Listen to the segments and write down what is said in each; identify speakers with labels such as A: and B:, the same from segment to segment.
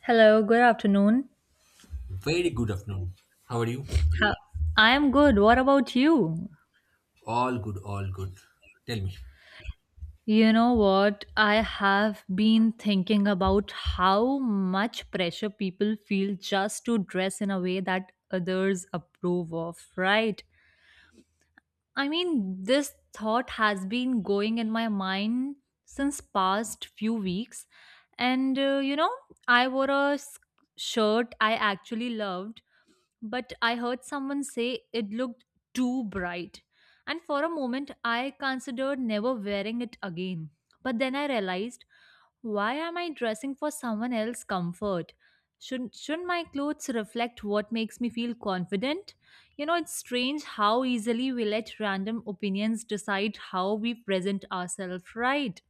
A: Hello, good afternoon.
B: Very good afternoon. How are you?
A: I am good. What about you?
B: All good, all good. Tell me.
A: You know what? I have been thinking about how much pressure people feel just to dress in a way that others approve of, right? I mean, this thought has been going in my mind since past few weeks. And uh, you know, I wore a shirt I actually loved but I heard someone say it looked too bright. And for a moment, I considered never wearing it again. But then I realized, why am I dressing for someone else's comfort? Shouldn't my clothes reflect what makes me feel confident? You know, it's strange how easily we let random opinions decide how we present ourselves, right?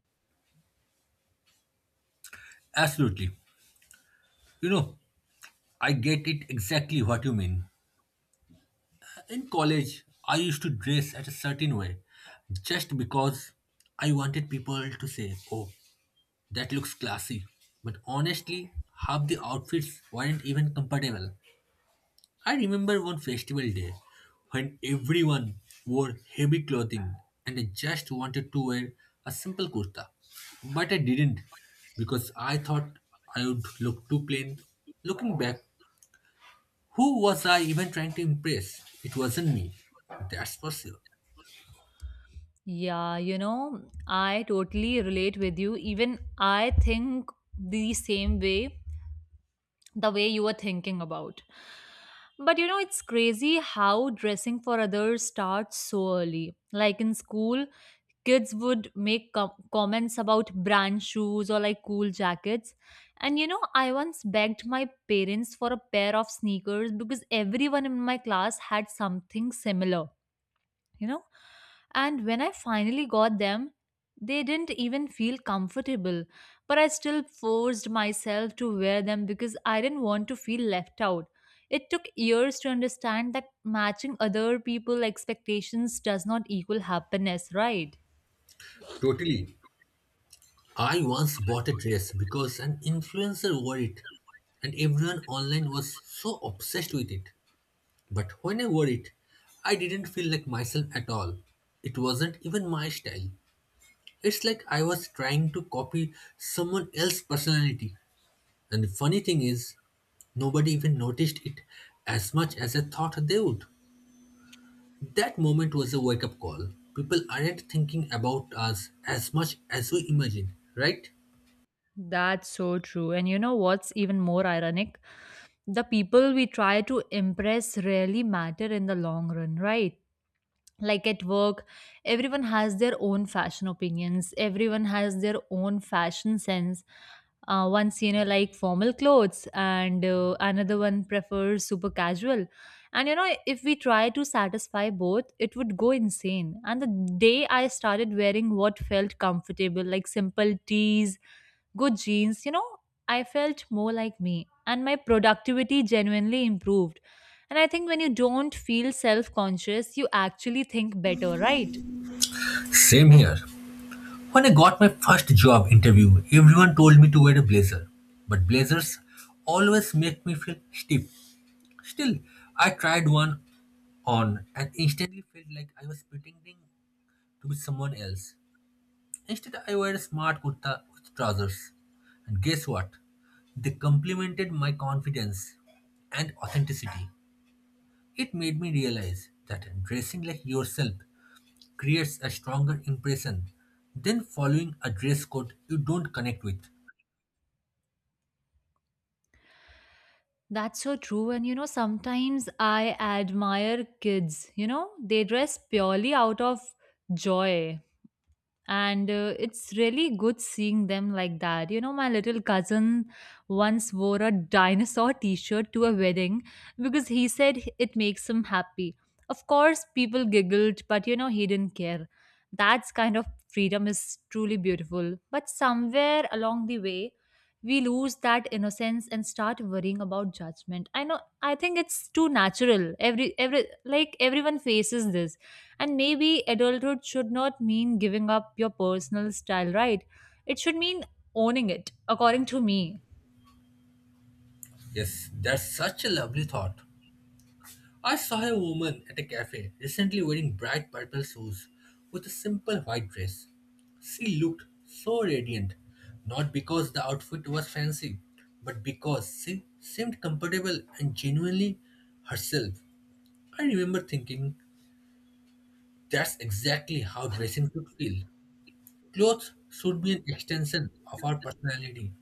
B: Absolutely. You know, I get it exactly what you mean. In college, I used to dress at a certain way just because I wanted people to say, oh, that looks classy. But honestly, half the outfits weren't even compatible. I remember one festival day when everyone wore heavy clothing and I just wanted to wear a simple kurta. But I didn't because I thought I would look too plain. Looking back, who was I even trying to impress? It wasn't me. That's for sure.
A: Yeah, you know, I totally relate with you. Even I think the same way the way you were thinking about. But you know, it's crazy how dressing for others starts so early. Like in school, kids would make comments about brand shoes or like cool jackets. And you know, I once begged my parents for a pair of sneakers because everyone in my class had something similar, you know, and when I finally got them, they didn't even feel comfortable. But I still forced myself to wear them because I didn't want to feel left out. It took years to understand that matching other people's expectations does not equal happiness, right?
B: Totally. I once bought a dress because an influencer wore it and everyone online was so obsessed with it. But when I wore it, I didn't feel like myself at all. It wasn't even my style. It's like I was trying to copy someone else's personality. And the funny thing is, nobody even noticed it as much as I thought they would. That moment was a wake up call. People aren't thinking about us as much as we imagine, right?
A: That's so true. And you know what's even more ironic? The people we try to impress rarely matter in the long run, right? Like at work, everyone has their own fashion opinions, everyone has their own fashion sense. Once, you know, like formal clothes, and another one prefers super casual. And you know, if we try to satisfy both, it would go insane. And the day I started wearing what felt comfortable, like simple tees, good jeans, you know, I felt more like me and my productivity genuinely improved. And I think when you don't feel self conscious, you actually think better, right?
B: Same here. When I got my first job interview, everyone told me to wear a blazer. But blazers always make me feel stiff. Still, I tried one on and instantly felt like I was pretending to be someone else. Instead, I wore a smart kurta with trousers. And guess what? They complimented my confidence and authenticity. It made me realize that dressing like yourself creates a stronger impression than following a dress code you don't connect with.
A: That's so true. And you know, sometimes I admire kids, you know, they dress purely out of joy. And it's really good seeing them like that. You know, my little cousin once wore a dinosaur t-shirt to a wedding because he said it makes him happy. Of course people giggled, but you know, he didn't care. That's kind of freedom, is truly beautiful. But somewhere along the way, we lose that innocence and start worrying about judgment. I know, I think it's too natural. Every like everyone faces this. And maybe adulthood should not mean giving up your personal style, right? It should mean owning it, according to me.
B: Yes, that's such a lovely thought. I saw a woman at a cafe recently wearing bright purple shoes with a simple white dress. She looked so radiant, not because the outfit was fancy, but because she seemed comfortable and genuinely herself. I remember thinking that's exactly how dressing should feel. Clothes should be an extension of our personality,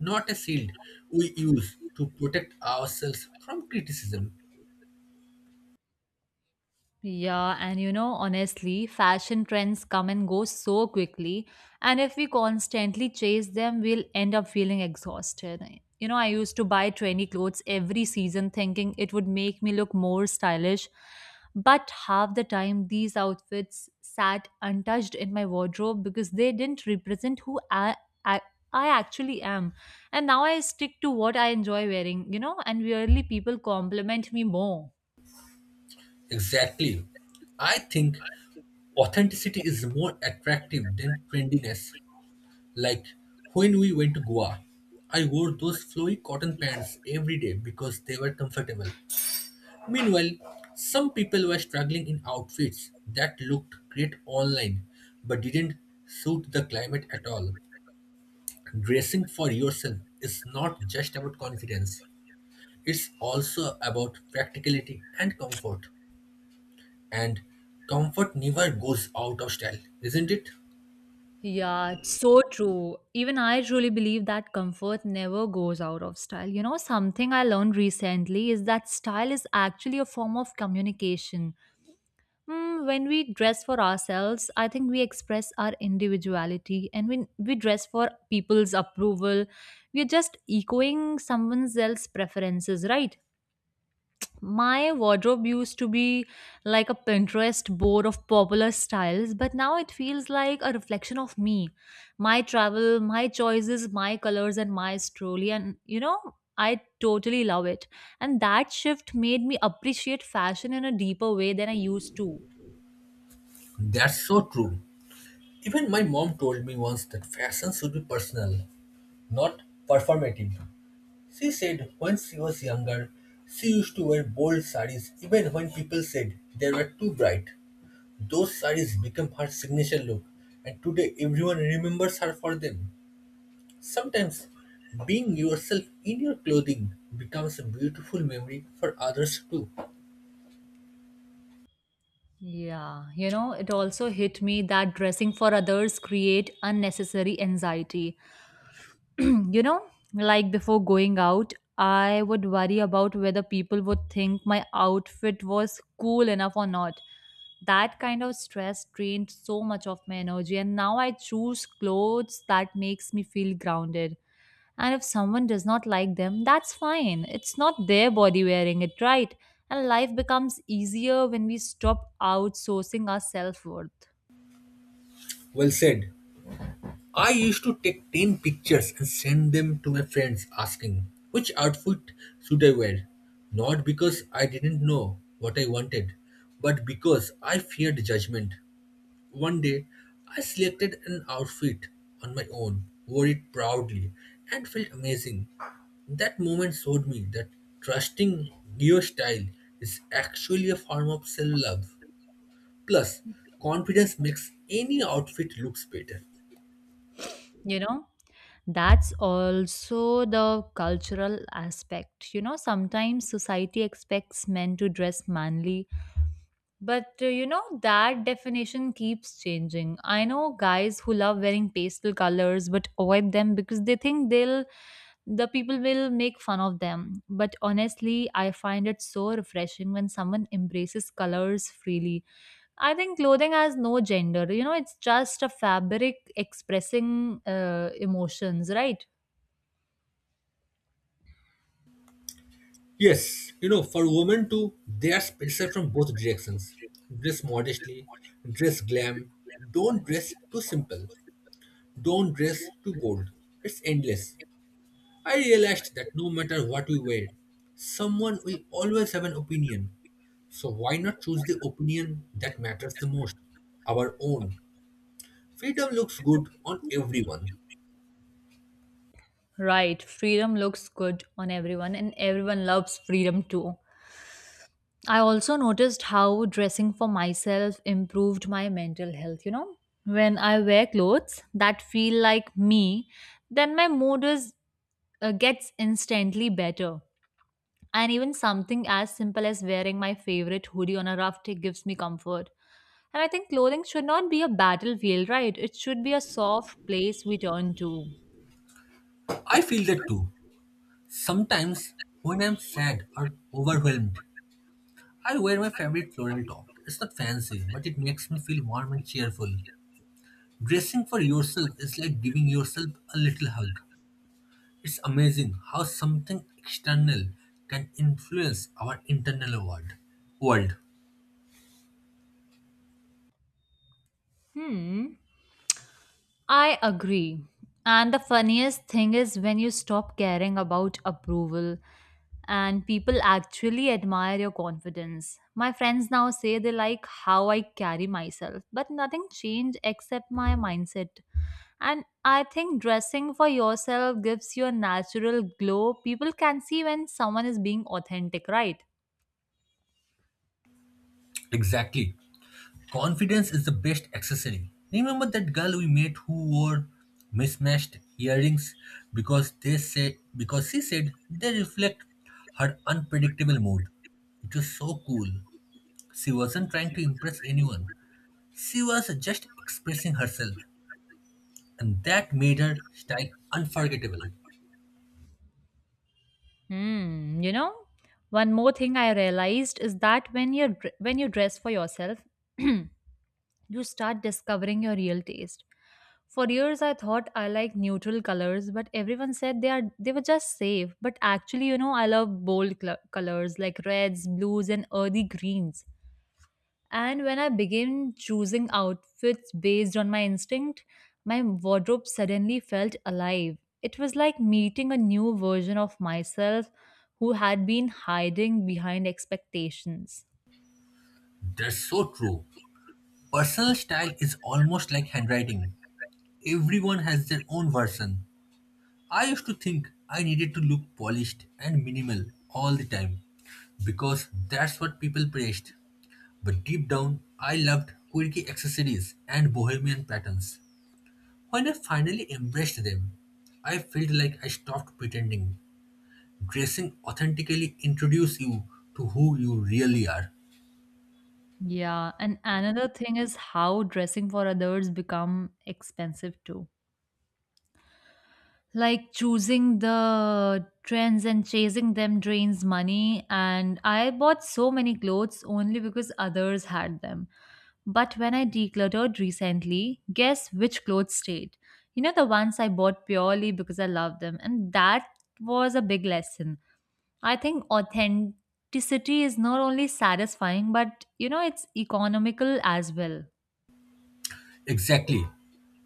B: not a shield we use to protect ourselves from criticism.
A: Yeah, and you know, honestly, fashion trends come and go so quickly, and if we constantly chase them, we'll end up feeling exhausted. You know, I used to buy trendy clothes every season thinking it would make me look more stylish, but half the time these outfits sat untouched in my wardrobe because they didn't represent who I, I actually am. And now I stick to what I enjoy wearing, you know, and weirdly, people compliment me more.
B: Exactly. I think authenticity is more attractive than trendiness. Like when we went to Goa, I wore those flowy cotton pants every day because they were comfortable. Meanwhile, some people were struggling in outfits that looked great online but didn't suit the climate at all. Dressing for yourself is not just about confidence, it's also about practicality and comfort. And comfort never goes out of style, isn't it?
A: Yeah, it's so true. Even I truly believe that comfort never goes out of style. You know, something I learned recently is that style is actually a form of communication. When we dress for ourselves, I think we express our individuality, and when we dress for people's approval, we're just echoing someone else's preferences, right? My wardrobe used to be like a Pinterest board of popular styles, but now it feels like a reflection of me. My travel, my choices, my colors, and my story. And you know, I totally love it. And that shift made me appreciate fashion in a deeper way than I used to.
B: That's so true. Even my mom told me once that fashion should be personal, not performative. She said when she was younger, she used to wear bold saris even when people said they were too bright. Those saris became her signature look, and today everyone remembers her for them. Sometimes being yourself in your clothing becomes a beautiful memory for others too.
A: Yeah, you know, it also hit me that dressing for others create unnecessary anxiety. You know, like before going out, I would worry about whether people would think my outfit was cool enough or not. That kind of stress drained so much of my energy, and now I choose clothes that makes me feel grounded. And if someone does not like them, that's fine. It's not their body wearing it, right? And life becomes easier when we stop outsourcing our self-worth,
B: Well said. I used to take 10 pictures and send them to my friends asking which outfit should I wear. Not because I didn't know what I wanted, but because I feared judgment. One day, I selected an outfit on my own, wore it proudly, and felt amazing. That moment showed me that trusting your style is actually a form of self love. Plus, confidence makes any outfit looks better.
A: you know? That's also the cultural aspect. You know, sometimes society expects men to dress manly, but you know, that definition keeps changing. I know guys who love wearing pastel colors but avoid them because they think the people will make fun of them. But honestly, I find it so refreshing when someone embraces colors freely. I think clothing has no gender. You know, it's just a fabric expressing emotions, right?
B: Yes, you know, for women too, they are pressured from both directions. Dress modestly, dress glam, don't dress too simple, don't dress too bold. It's endless. I realized that no matter what we wear, someone will always have an opinion. So why not choose the opinion that matters the most? Our own. Freedom looks good on everyone.
A: Right, freedom looks good on everyone, and everyone loves freedom too. I also noticed how dressing for myself improved my mental health. You know, when I wear clothes that feel like me, then my mood is gets instantly better. And even something as simple as wearing my favorite hoodie on a rough day gives me comfort. And I think clothing should not be a battlefield, right? It should be a soft place we turn to.
B: I feel that too. Sometimes when I'm sad or overwhelmed, I wear my favorite floral top. It's not fancy, but it makes me feel warm and cheerful. Dressing for yourself is like giving yourself a little hug. It's amazing how something external can influence our internal world. World.
A: Hmm. I agree. And the funniest thing is when you stop caring about approval and people actually admire your confidence. My friends now say they like how I carry myself, but nothing changed except my mindset. And I think dressing for yourself gives you a natural glow. People can see when someone is being authentic, right?
B: Exactly. Confidence is the best accessory. Remember that girl we met who wore mismatched earrings because she said they reflect her unpredictable mood. It was so cool. She wasn't trying to impress anyone. She was just expressing herself, and that made her style unforgettable.
A: Hmm, you know, one more thing I realized is that when you dress for yourself, you start discovering your real taste. For years I thought I like neutral colors, but everyone said they were just safe. But actually, you know, I love bold colors like reds, blues and earthy greens. And when I began choosing outfits based on my instinct, my wardrobe suddenly felt alive. It was like meeting a new version of myself who had been hiding behind expectations.
B: That's so true. Personal style is almost like handwriting. Everyone has their own version. I used to think I needed to look polished and minimal all the time because that's what people praised. But deep down, I loved quirky accessories and bohemian patterns. When I finally embraced them, I felt like I stopped pretending. Dressing authentically introduces you to who you really are.
A: Yeah, and another thing is how dressing for others become expensive too. Like choosing the trends and chasing them drains money, and I bought so many clothes only because others had them. But when I decluttered recently, guess which clothes stayed? You know, the ones I bought purely because I loved them. And that was a big lesson. I think authenticity is not only satisfying but you know, it's economical as well.
B: Exactly.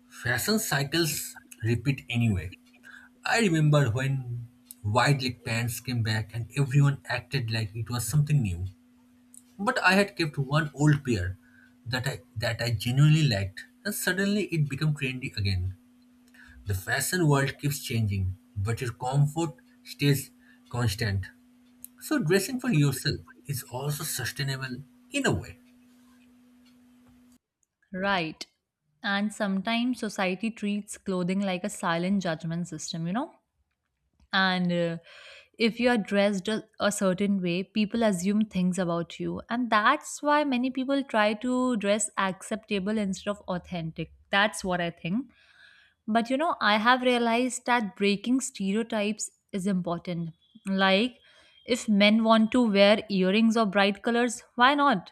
B: Fashion cycles repeat anyway. I remember when wide leg pants came back and everyone acted like it was something new. But I had kept one old pair that I genuinely liked and suddenly it became trendy again. The fashion world keeps changing, but your comfort stays constant. So dressing for yourself is also sustainable in a way.
A: Right. And sometimes society treats clothing like a silent judgment system, you know? And if you are dressed a certain way, people assume things about you. And that's why many people try to dress acceptable instead of authentic. That's what I think. But you know, I have realized that breaking stereotypes is important. Like, if men want to wear earrings or bright colors, why not?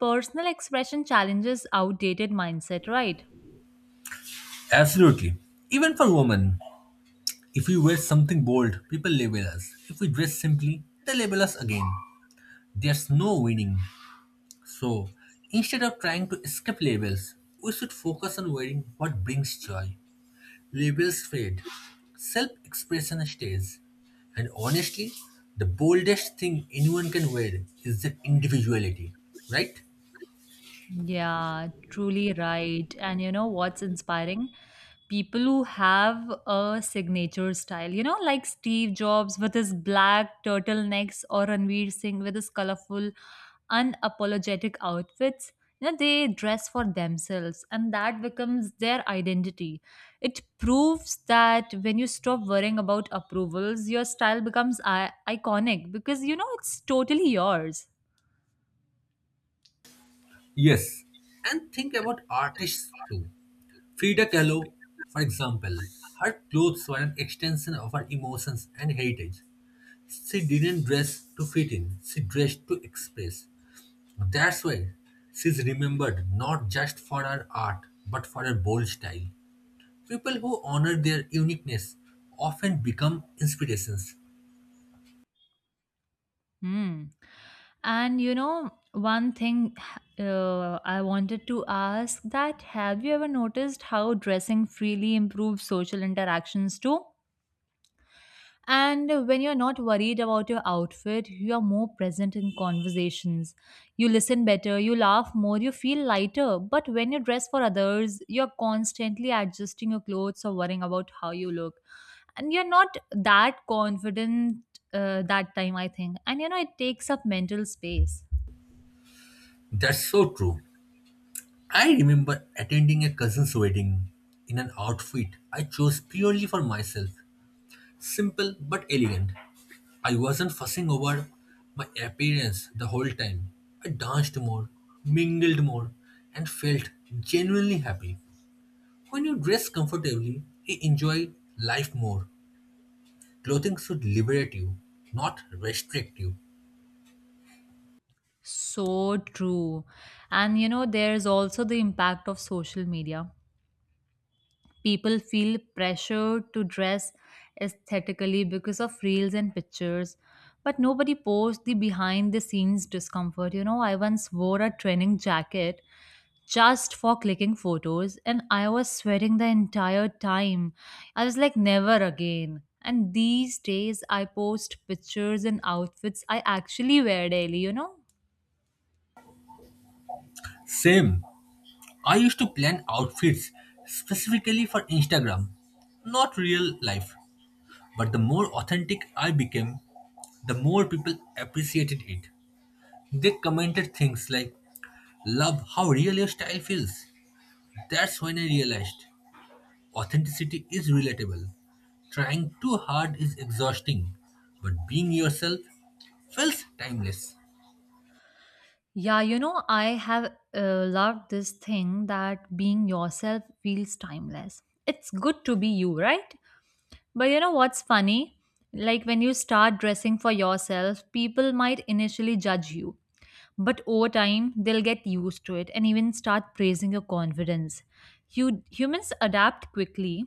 A: Personal expression challenges outdated mindset, right?
B: Absolutely. Even for women, if we wear something bold, people label us. If we dress simply, they label us again. There's no winning. So, instead of trying to escape labels, we should focus on wearing what brings joy. Labels fade, self expression stays. And honestly, the boldest thing anyone can wear is their individuality, right?
A: Yeah, truly right. And you know what's inspiring? People who have a signature style, you know, like Steve Jobs with his black turtlenecks or Ranveer Singh with his colorful, unapologetic outfits. You know, they dress for themselves and that becomes their identity. It proves that when you stop worrying about approvals, your style becomes iconic because, you know, it's totally yours.
B: Yes. And think about artists too. Frida Kahlo, for example, her clothes were an extension of her emotions and heritage. She didn't dress to fit in, she dressed to express. That's why she's remembered not just for her art, but for her bold style. People who honor their uniqueness often become inspirations.
A: Hmm. And you know, one thing I wanted to ask that have you ever noticed how dressing freely improves social interactions too? And when you're not worried about your outfit, you are more present in conversations. You listen better, you laugh more, you feel lighter. But when you dress for others, you're constantly adjusting your clothes or worrying about how you look. And you're not that confident that time, I think. And you know, it takes up mental space.
B: That's so true. I remember attending a cousin's wedding in an outfit I chose purely for myself, simple but elegant. I wasn't fussing over my appearance the whole time. I danced more, mingled more, and felt genuinely happy. When you dress comfortably, you enjoy life more. Clothing should liberate you, not restrict you.
A: So true. And you know, there's also the impact of social media. People feel pressured to dress aesthetically because of reels and pictures, but nobody posts the behind the scenes discomfort. You know, I once wore a training jacket just for clicking photos and I was sweating the entire time. I was like, never again. And these days, I post pictures and outfits I actually wear daily, you know?
B: Same. I used to plan outfits specifically for Instagram, not real life. But the more authentic I became, the more people appreciated it. They commented things like, "Love how real your style feels." That's when I realized authenticity is relatable. Trying too hard is exhausting, but being yourself feels timeless.
A: Yeah, you know, I have loved this thing that being yourself feels timeless. It's good to be you, right? But you know what's funny? Like when you start dressing for yourself, people might initially judge you, but over time, they'll get used to it and even start praising your confidence. You humans adapt quickly,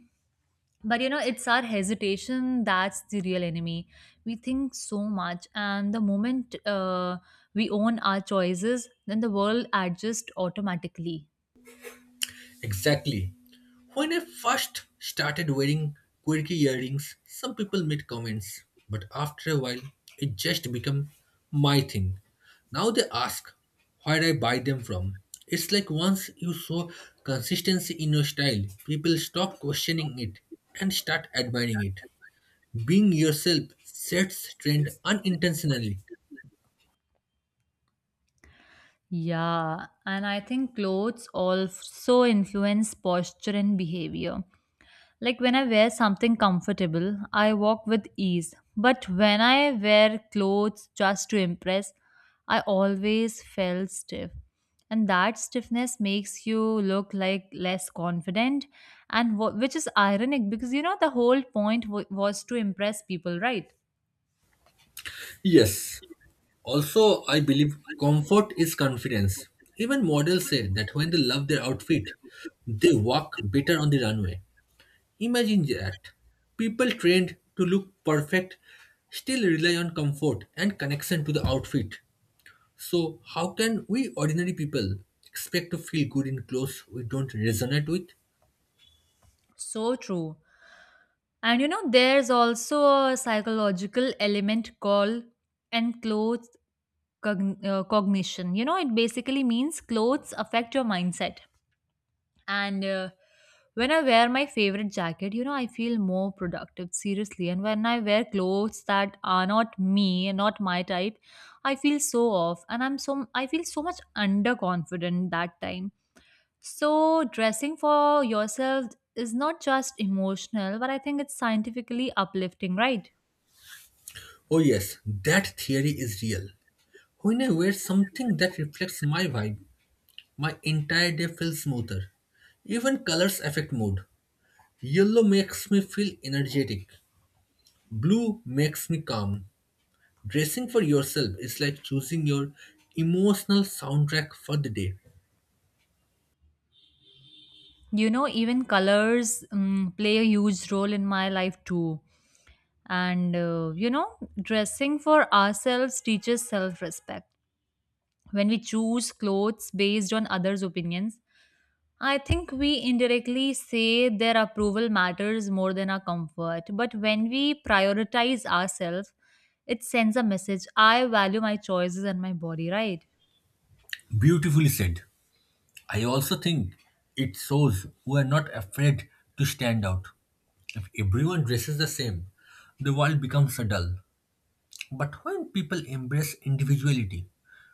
A: but you know, it's our hesitation that's the real enemy. We think so much, and the moment we own our choices, then the world adjusts automatically.
B: Exactly. When I first started wearing quirky earrings, some people made comments, but after a while, it just became my thing. Now they ask where I buy them from. It's like once you show consistency in your style, people stop questioning it and start admiring it. Being yourself sets trend unintentionally.
A: Yeah, and I think clothes also influence posture and behavior. Like when I wear something comfortable, I walk with ease. But when I wear clothes just to impress, I always felt stiff. And that stiffness makes you look like less confident, and which is ironic because you know the whole point was to impress people, right?
B: Yes. Also, I believe comfort is confidence. Even models say that when they love their outfit, they walk better on the runway. Imagine that. People trained to look perfect still rely on comfort and connection to the outfit. So, how can we ordinary people expect to feel good in clothes we don't resonate with?
A: So true. And you know, there's also a psychological element called enclosure cognition. You know, it basically means clothes affect your mindset. And when I wear my favorite jacket, you know, I feel more productive, seriously. And when I wear clothes that are not me and not my type, I feel so off and I feel so much underconfident that time. So dressing for yourself is not just emotional, but I think it's scientifically uplifting, right?
B: Oh, yes, that theory is real. When I wear something that reflects my vibe, my entire day feels smoother. Even colors affect mood. Yellow makes me feel energetic. Blue makes me calm. Dressing for yourself is like choosing your emotional soundtrack for the day.
A: You know, even colors play a huge role in my life too. And you know, dressing for ourselves teaches self respect. When we choose clothes based on others' opinions, I think we indirectly say their approval matters more than our comfort. But when we prioritize ourselves, it sends a message I value my choices and my body, right?
B: Beautifully said. I also think it shows who are not afraid to stand out. If everyone dresses the same, the world becomes dull. But when people embrace individuality,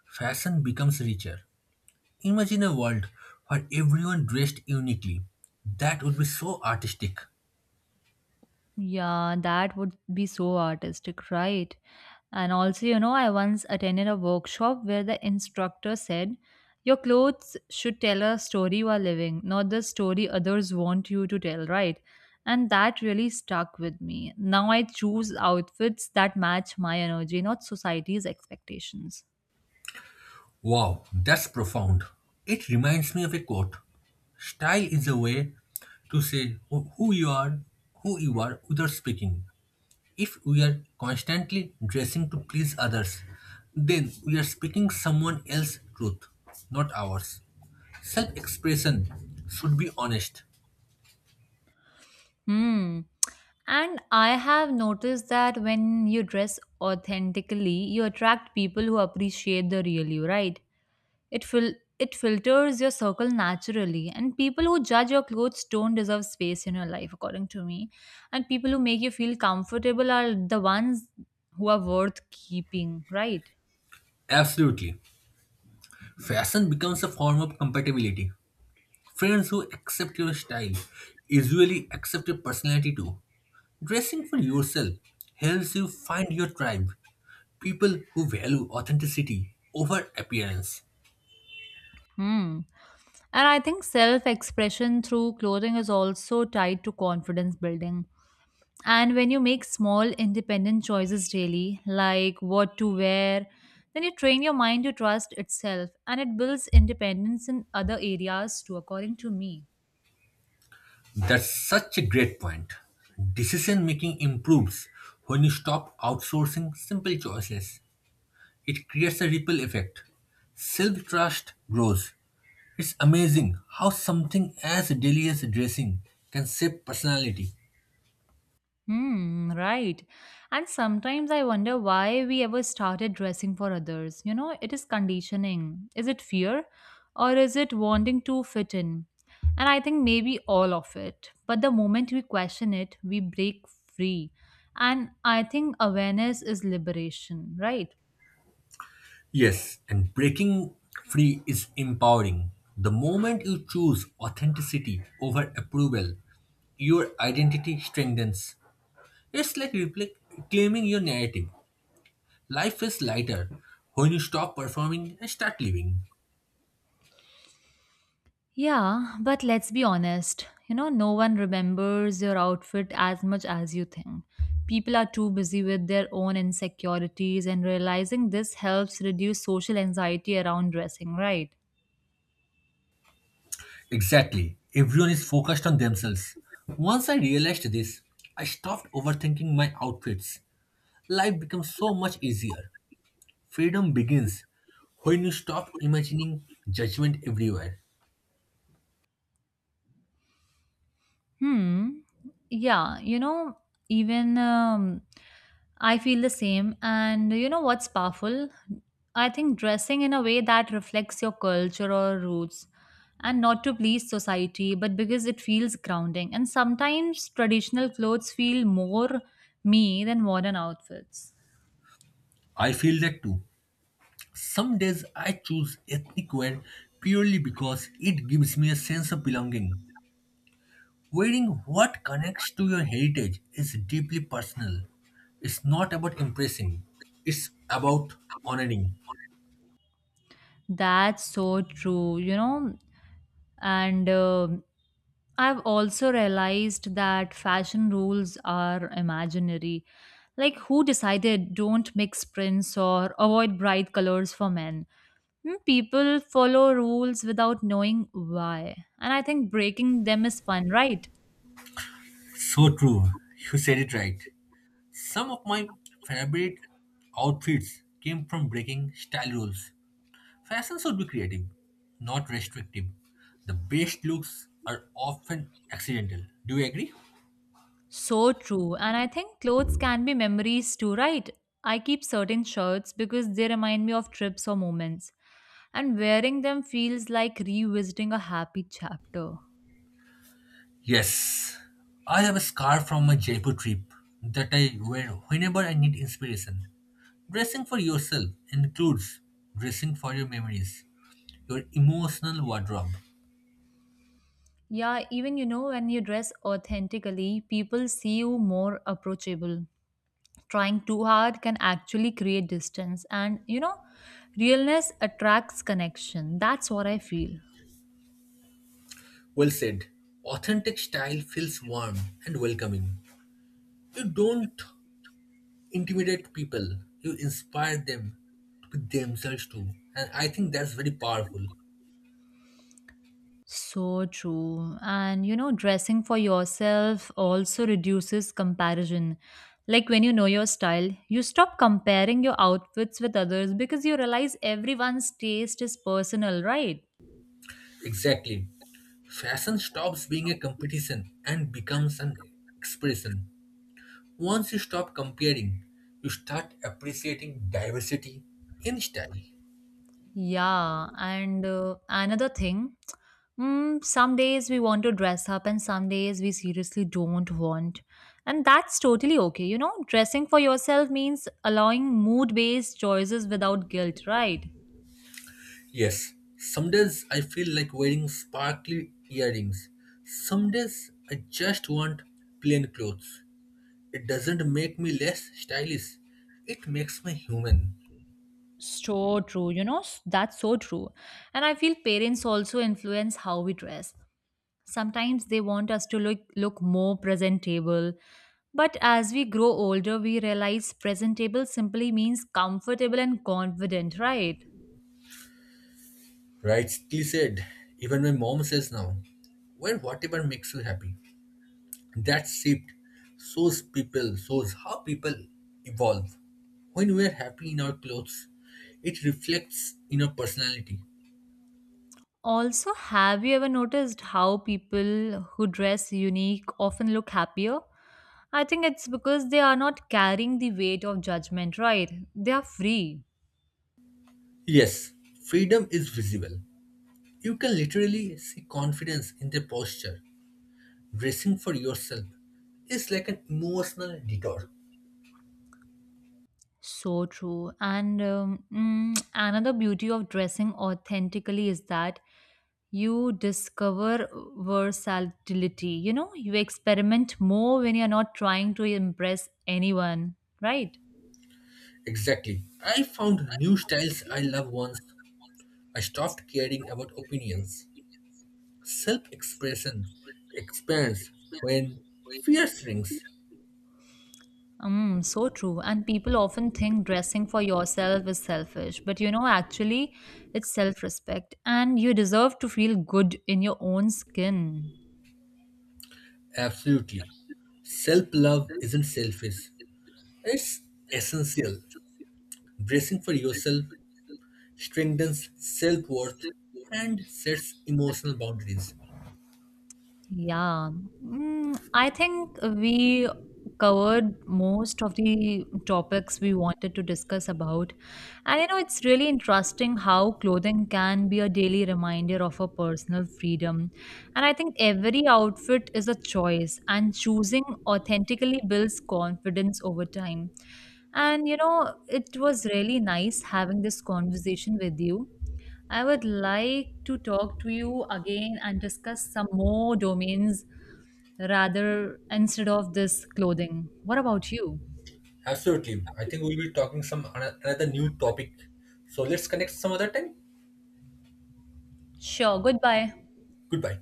B: fashion becomes richer. Imagine a world where everyone dressed uniquely. That would be so artistic.
A: Yeah, that would be so artistic, right? And also, you know, I once attended a workshop where the instructor said, your clothes should tell a story you are living, not the story others want you to tell, right? And that really stuck with me. Now I choose outfits that match my energy, not society's expectations.
B: Wow, that's profound. It reminds me of a quote. Style is a way to say who you are without speaking. If we are constantly dressing to please others, then we are speaking someone else's truth, not ours. Self expression should be honest.
A: Hmm. And I have noticed that when you dress authentically, you attract people who appreciate the real you, right? It filters your circle naturally, and people who judge your clothes don't deserve space in your life, according to me. And people who make you feel comfortable are the ones who are worth keeping, right?
B: Absolutely. Fashion becomes a form of compatibility. Friends who accept your style usually accept your personality too. Dressing for yourself helps you find your tribe, people who value authenticity over appearance.
A: Hmm. And I think self expression through clothing is also tied to confidence building. And when you make small independent choices daily, like what to wear, then you train your mind to trust itself and it builds independence in other areas too, according to me.
B: That's such a great point. Decision making improves when you stop outsourcing simple choices. It creates a ripple effect. Self trust grows. It's amazing how something as daily as dressing can shape personality.
A: Hmm, right. And sometimes I wonder why we ever started dressing for others. You know, it is conditioning. Is it fear or is it wanting to fit in? And I think maybe all of it. But the moment we question it, we break free. And I think awareness is liberation, right?
B: Yes, and breaking free is empowering. The moment you choose authenticity over approval, your identity strengthens. It's like claiming your narrative. Life is lighter when you stop performing and start living.
A: Yeah, but let's be honest. You know, no one remembers your outfit as much as you think. People are too busy with their own insecurities, and realizing this helps reduce social anxiety around dressing, right?
B: Exactly. Everyone is focused on themselves. Once I realized this, I stopped overthinking my outfits. Life becomes so much easier. Freedom begins when you stop imagining judgment everywhere.
A: Hmm. Yeah, you know, even I feel the same. And you know what's powerful? I think dressing in a way that reflects your culture or roots and not to please society, but because it feels grounding. And sometimes traditional clothes feel more me than modern outfits.
B: I feel that too. Some days I choose ethnic wear purely because it gives me a sense of belonging. Wearing what connects to your heritage is deeply personal. It's not about impressing, it's about honoring.
A: That's so true, you know. And I've also realized that fashion rules are imaginary. Like, who decided don't mix prints or avoid bright colors for men? Hmm, people follow rules without knowing why. And I think breaking them is fun, right?
B: So true. You said it right. Some of my favorite outfits came from breaking style rules. Fashion should be creative, not restrictive. The best looks are often accidental. Do you agree?
A: So true. And I think clothes can be memories too, right? I keep certain shirts because they remind me of trips or moments. And wearing them feels like revisiting a happy chapter.
B: Yes, I have a scarf from my Jaipur trip that I wear whenever I need inspiration. Dressing for yourself includes dressing for your memories, your emotional wardrobe.
A: Yeah, even you know, when you dress authentically, people see you more approachable. Trying too hard can actually create distance, and you know, realness attracts connection. That's what I feel.
B: Well said. Authentic style feels warm and welcoming. You don't intimidate people, you inspire them to be themselves too. And I think that's very powerful.
A: So true. And you know, dressing for yourself also reduces comparison. Like when you know your style, you stop comparing your outfits with others because you realize everyone's taste is personal, right?
B: Exactly. Fashion stops being a competition and becomes an expression. Once you stop comparing, you start appreciating diversity in style.
A: Yeah, and another thing, some days we want to dress up and some days we seriously don't want. And that's totally okay. You know, dressing for yourself means allowing mood based choices without guilt, right?
B: Yes, some days I feel like wearing sparkly earrings. Some days I just want plain clothes. It doesn't make me less stylish, it makes me human.
A: So true. You know, that's so true. And I feel parents also influence how we dress. Sometimes they want us to look more presentable, but as we grow older, we realize presentable simply means comfortable and confident, right?
B: Rightly said, even my mom says now, wear whatever makes you happy. That shift shows people shows how people evolve. When we are happy in our clothes, it reflects in our personality.
A: Also, have you ever noticed how people who dress unique often look happier? I think it's because they are not carrying the weight of judgment, right? They are free.
B: Yes, freedom is visible. You can literally see confidence in their posture. Dressing for yourself is like an emotional detour.
A: So true. And another beauty of dressing authentically is that you discover versatility. You know, you experiment more when you're not trying to impress anyone, right?
B: Exactly. I found new styles I love once I stopped caring about opinions. Self expression expands when fear shrinks.
A: So true. And people often think dressing for yourself is selfish, but you know, actually, it's self respect, and you deserve to feel good in your own skin.
B: Absolutely. Self love isn't selfish, it's essential. Bracing for yourself strengthens self worth and sets emotional boundaries.
A: Yeah, I think we covered most of the topics we wanted to discuss about. And you know, it's really interesting how clothing can be a daily reminder of our personal freedom. And I think every outfit is a choice, and choosing authentically builds confidence over time. And you know, it was really nice having this conversation with you. I would like to talk to you again and discuss some more domains rather instead of this clothing. What about you?
B: Absolutely. I think we'll be talking another new topic. So let's connect some other time.
A: Sure, goodbye.
B: Goodbye.